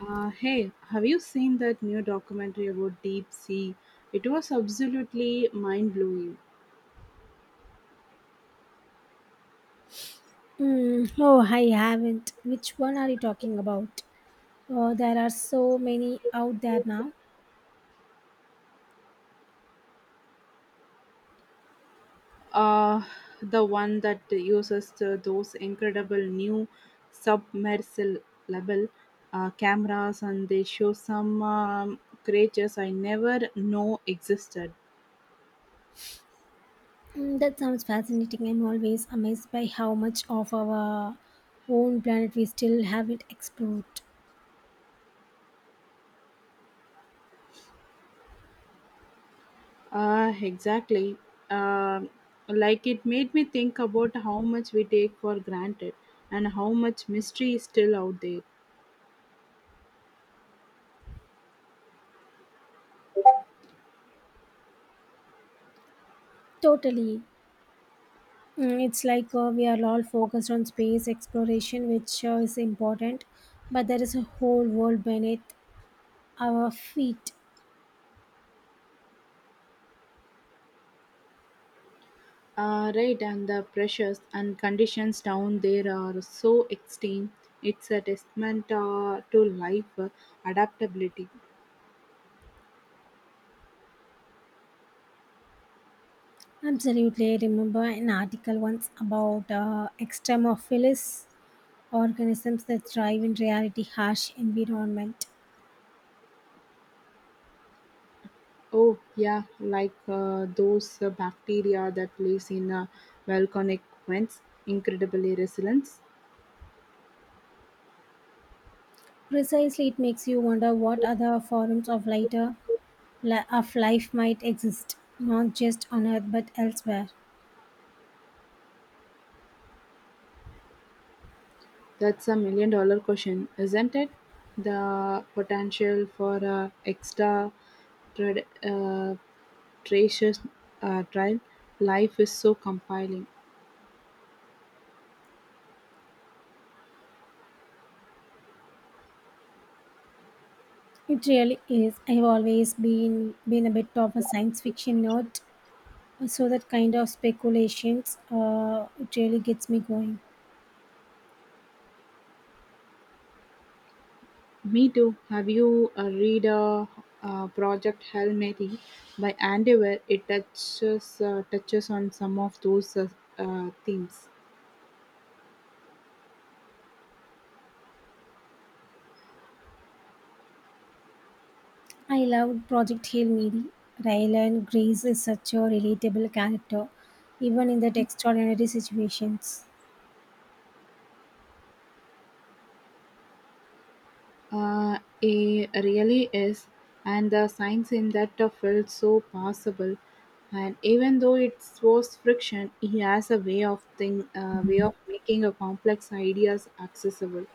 Hey, have you seen that new documentary about deep sea? It was absolutely mind blowing. Mm, oh, I haven't. Which one are you talking about? Oh, there are so many out there now. Uh, the one that uses those incredible new submersible cameras, and they show some creatures I never know existed. Mm, that sounds fascinating. I'm always amazed by how much of our own planet we still haven't explored. Exactly. Um like it made me think about how much we take for granted and how much mystery is still out there. Totally. Mm, it's like we are all focused on space exploration, which is important, but there is a whole world beneath our feet. Right, and the pressures and conditions down there are so extreme. It's a testament to life adaptability. Absolutely. I remember an article once about extremophilus organisms that thrive in reality harsh environment. Oh, yeah, like those bacteria that lives in volcanic vents, incredibly resilient. Precisely, it makes you wonder what other forms of lighter of life might exist, not just on Earth but elsewhere. That's a million dollar question, isn't it? The potential for a extra tra- uh, tracious trial life is so compelling. It really is. I've always been a bit of a science fiction nerd, so that kind of speculations it really gets me going. Me too. Have you read Project Hail Mary by Andy where it touches on some of those themes? I loved Project Hail Mary. Rylan Grace is such a relatable character, even in that extraordinary situations. It really is, and the science in that felt so possible. And even though it was friction, he has a way of thing, way of making a complex ideas accessible.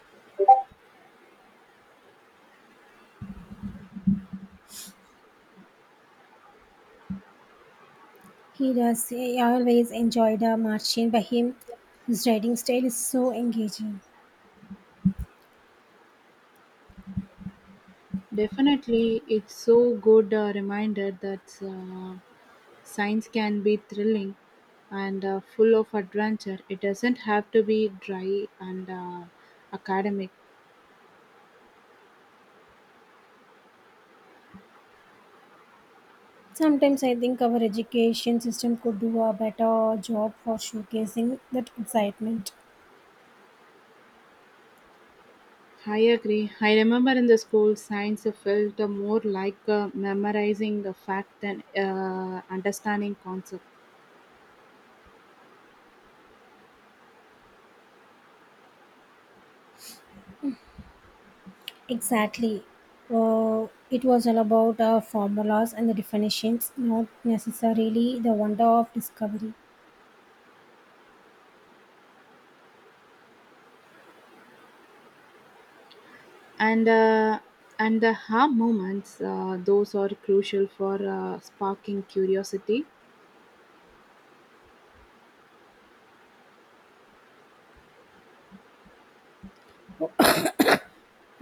He does. I always enjoyed a marching by him. His writing style is so engaging. Definitely, it's so good reminder that science can be thrilling and full of adventure. It doesn't have to be dry and academic. Sometimes I think our education system could do a better job for showcasing that excitement. I agree. I remember in the school, science felt more like memorizing a fact than understanding concept. Exactly. It was all about formulas and the definitions, not necessarily the wonder of discovery. And uh, and the ha moments, those are crucial for sparking curiosity.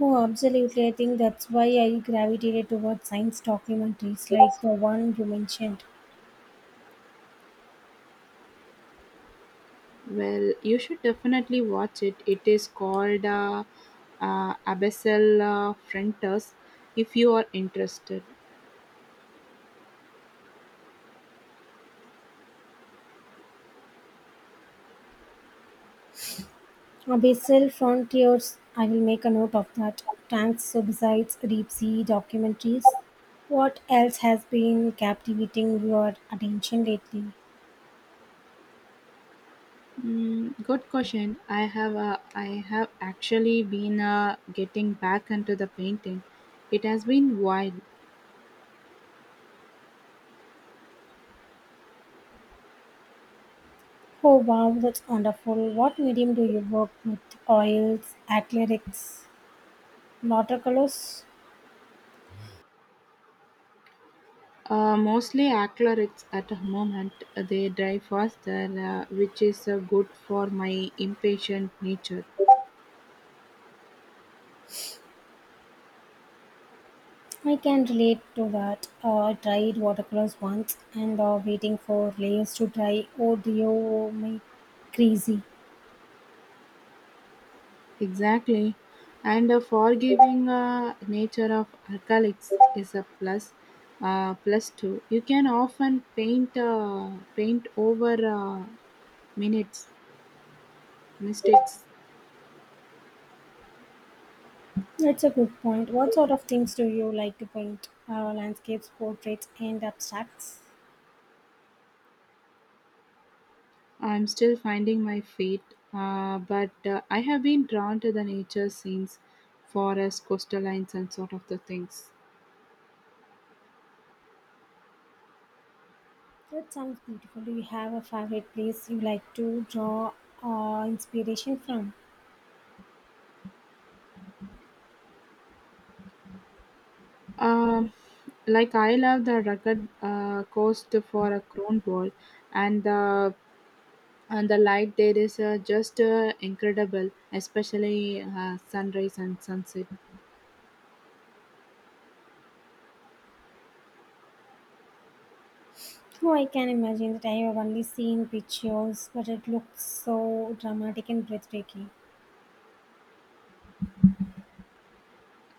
Oh, absolutely. I think that's why I gravitated towards science documentaries like the one you mentioned. Well, you should definitely watch it. It is called Abyssal Frontiers if you are interested. Abyssal Frontiers. I will make a note of that. Thanks. So, besides deep sea documentaries, what else has been captivating your attention lately? Mm, good question. I have actually been getting back into the painting. It has been while. Oh, wow, that's wonderful. What medium do you work with? Oils, acrylics, watercolors? Mostly acrylics at the moment. They dry faster, which is good for my impatient nature. I can relate to that. I tried watercolors once and waiting for layers to dry. Oh, dear, oh, my crazy. Exactly, and a forgiving nature of acrylics is a plus. Plus two. You can often paint over minutes mistakes. That's a good point. What sort of things do you like to paint? Landscapes, portraits, and abstracts? I'm still finding my feet, but I have been drawn to the nature scenes, forests, coastal lines, and sort of the things. That sounds beautiful. Do you have a favorite place you like to draw inspiration from? Um, like I love the rugged coast for a crown wall, and the and the light there is just incredible, especially sunrise and sunset. Oh, I can imagine that I have only seen pictures, but it looks so dramatic and breathtaking.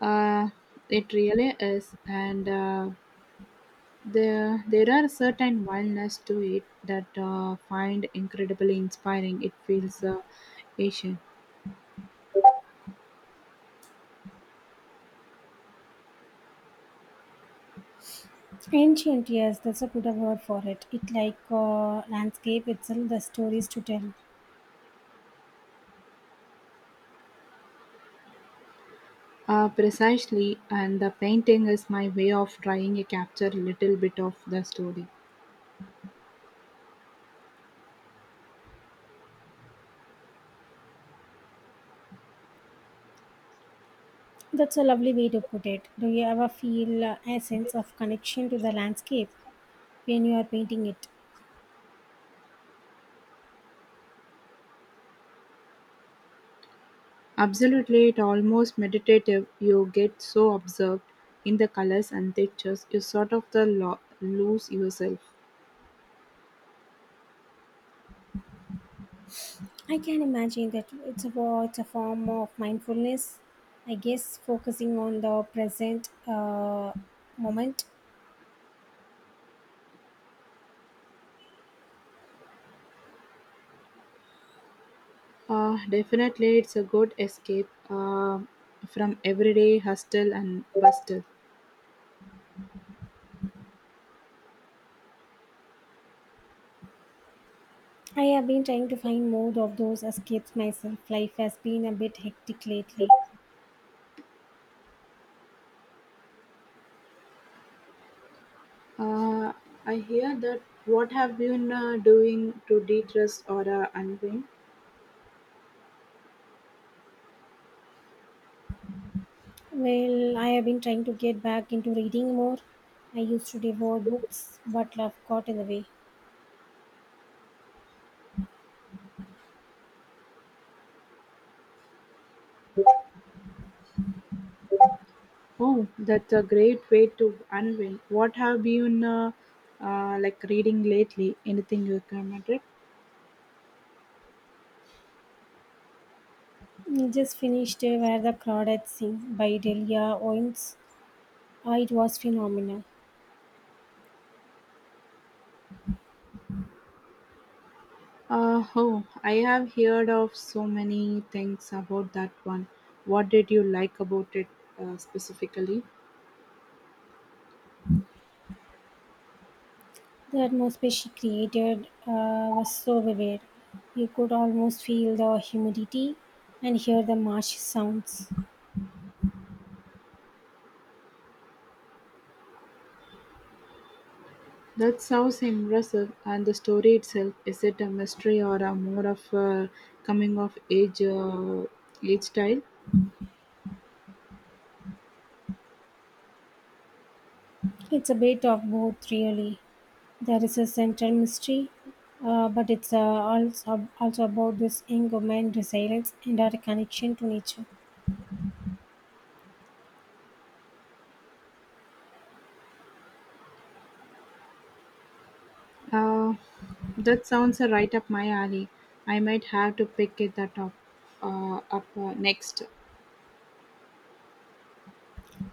Uh, it really is, and there are certain wildness to it that find incredibly inspiring. It feels Asian. Ancient, yes, that's a good word for it. It like landscape itself, the stories to tell. Precisely, and the painting is my way of trying to capture a little bit of the story. That's a lovely way to put it. Do you ever feel a sense of connection to the landscape when you are painting it? Absolutely, it almost meditative. You get so absorbed in the colors and textures, you sort of the lose yourself. I can imagine that it's a form of mindfulness. I guess focusing on the present moment. Definitely, it's a good escape from everyday hustle and bustle. I have been trying to find more of those escapes myself. Life has been a bit hectic lately. Uh, I hear that. What have you been doing to de-stress or unwind? Well, I have been trying to get back into reading more. I used to devour books, but love got in the way. Oh, that's a great way to unwind. What have you been like reading lately? Anything you recommended? I just finished Where the Crawdads Sing by Delia Owens. It was phenomenal. Oh, I have heard of so many things about that one. What did you like about it specifically? The atmosphere she created was so vivid. You could almost feel the humidity and hear the marsh sounds. That sounds impressive. And the story itself, is it a mystery or a more of a coming of age age style? It's a bit of both, really. There is a central mystery, but it's also about this young woman's resilience and our connection to nature. Uh, that sounds right up my alley. I might have to pick it that up, next.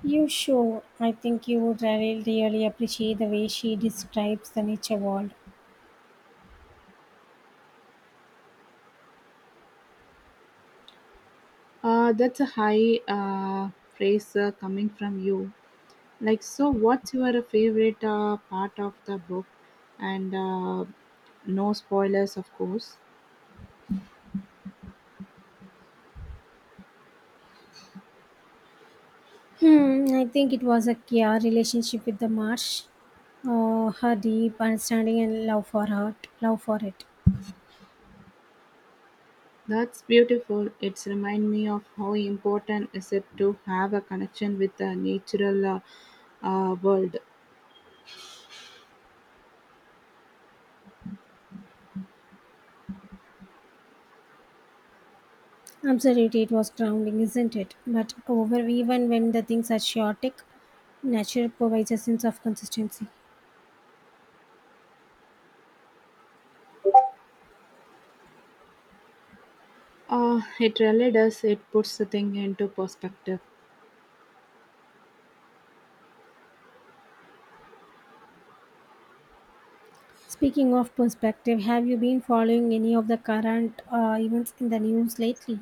You sure? I think you would really appreciate the way she describes the nature world. That's a high praise coming from you. Like, so what's your favorite part of the book? And No spoilers, of course. Hmm, I think it was a Kia relationship with the marsh. Her deep understanding and love for it. That's beautiful. It's remind me of how important is it to have a connection with the natural world. Absolutely, it was grounding, isn't it? But over, even when the things are chaotic, nature provides a sense of consistency. It really does. It puts the thing into perspective. Speaking of perspective, have you been following any of the current events in the news lately?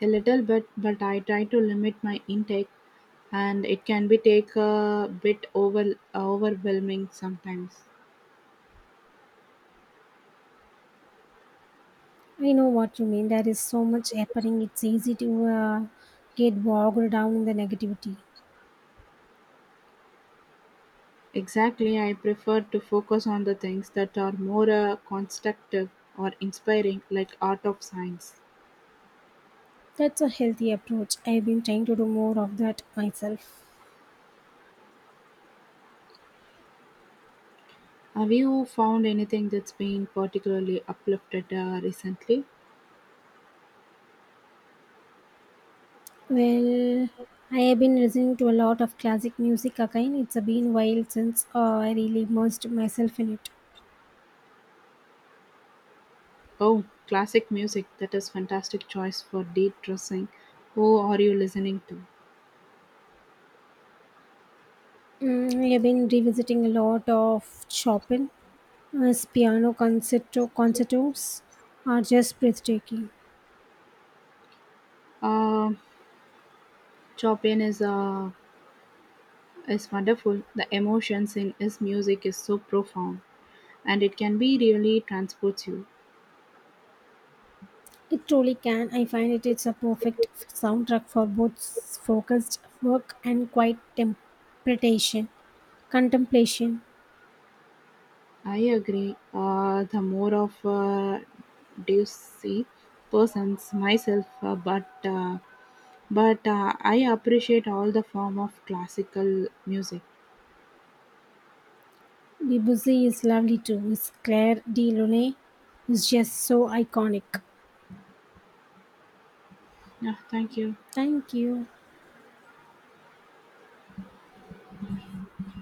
A little bit, but I try to limit my intake, and it can be take a bit overwhelming sometimes. I know what you mean. There is so much happening. It's easy to get bogged down in the negativity. Exactly, I prefer to focus on the things that are more constructive or inspiring, like art of science. That's a healthy approach. I've been trying to do more of that myself. Have you found anything that's been particularly uplifted recently? Well, I have been listening to a lot of classic music again. It's been a while since I really immersed myself in it. Oh, classic music. That is fantastic choice for de-stressing. Who are you listening to? Mm, I have been revisiting a lot of Chopin. His piano concertos are just breathtaking. Um, Chopin is is wonderful, the emotions in his music is so profound and it can be really transports you. It truly can. I find it is a perfect soundtrack for both focused work and contemplation. I agree, the more of a see, persons myself, but I appreciate all the form of classical music. Debussy is lovely too. His Claire de Lune is just so iconic. Yeah, thank you. Thank you.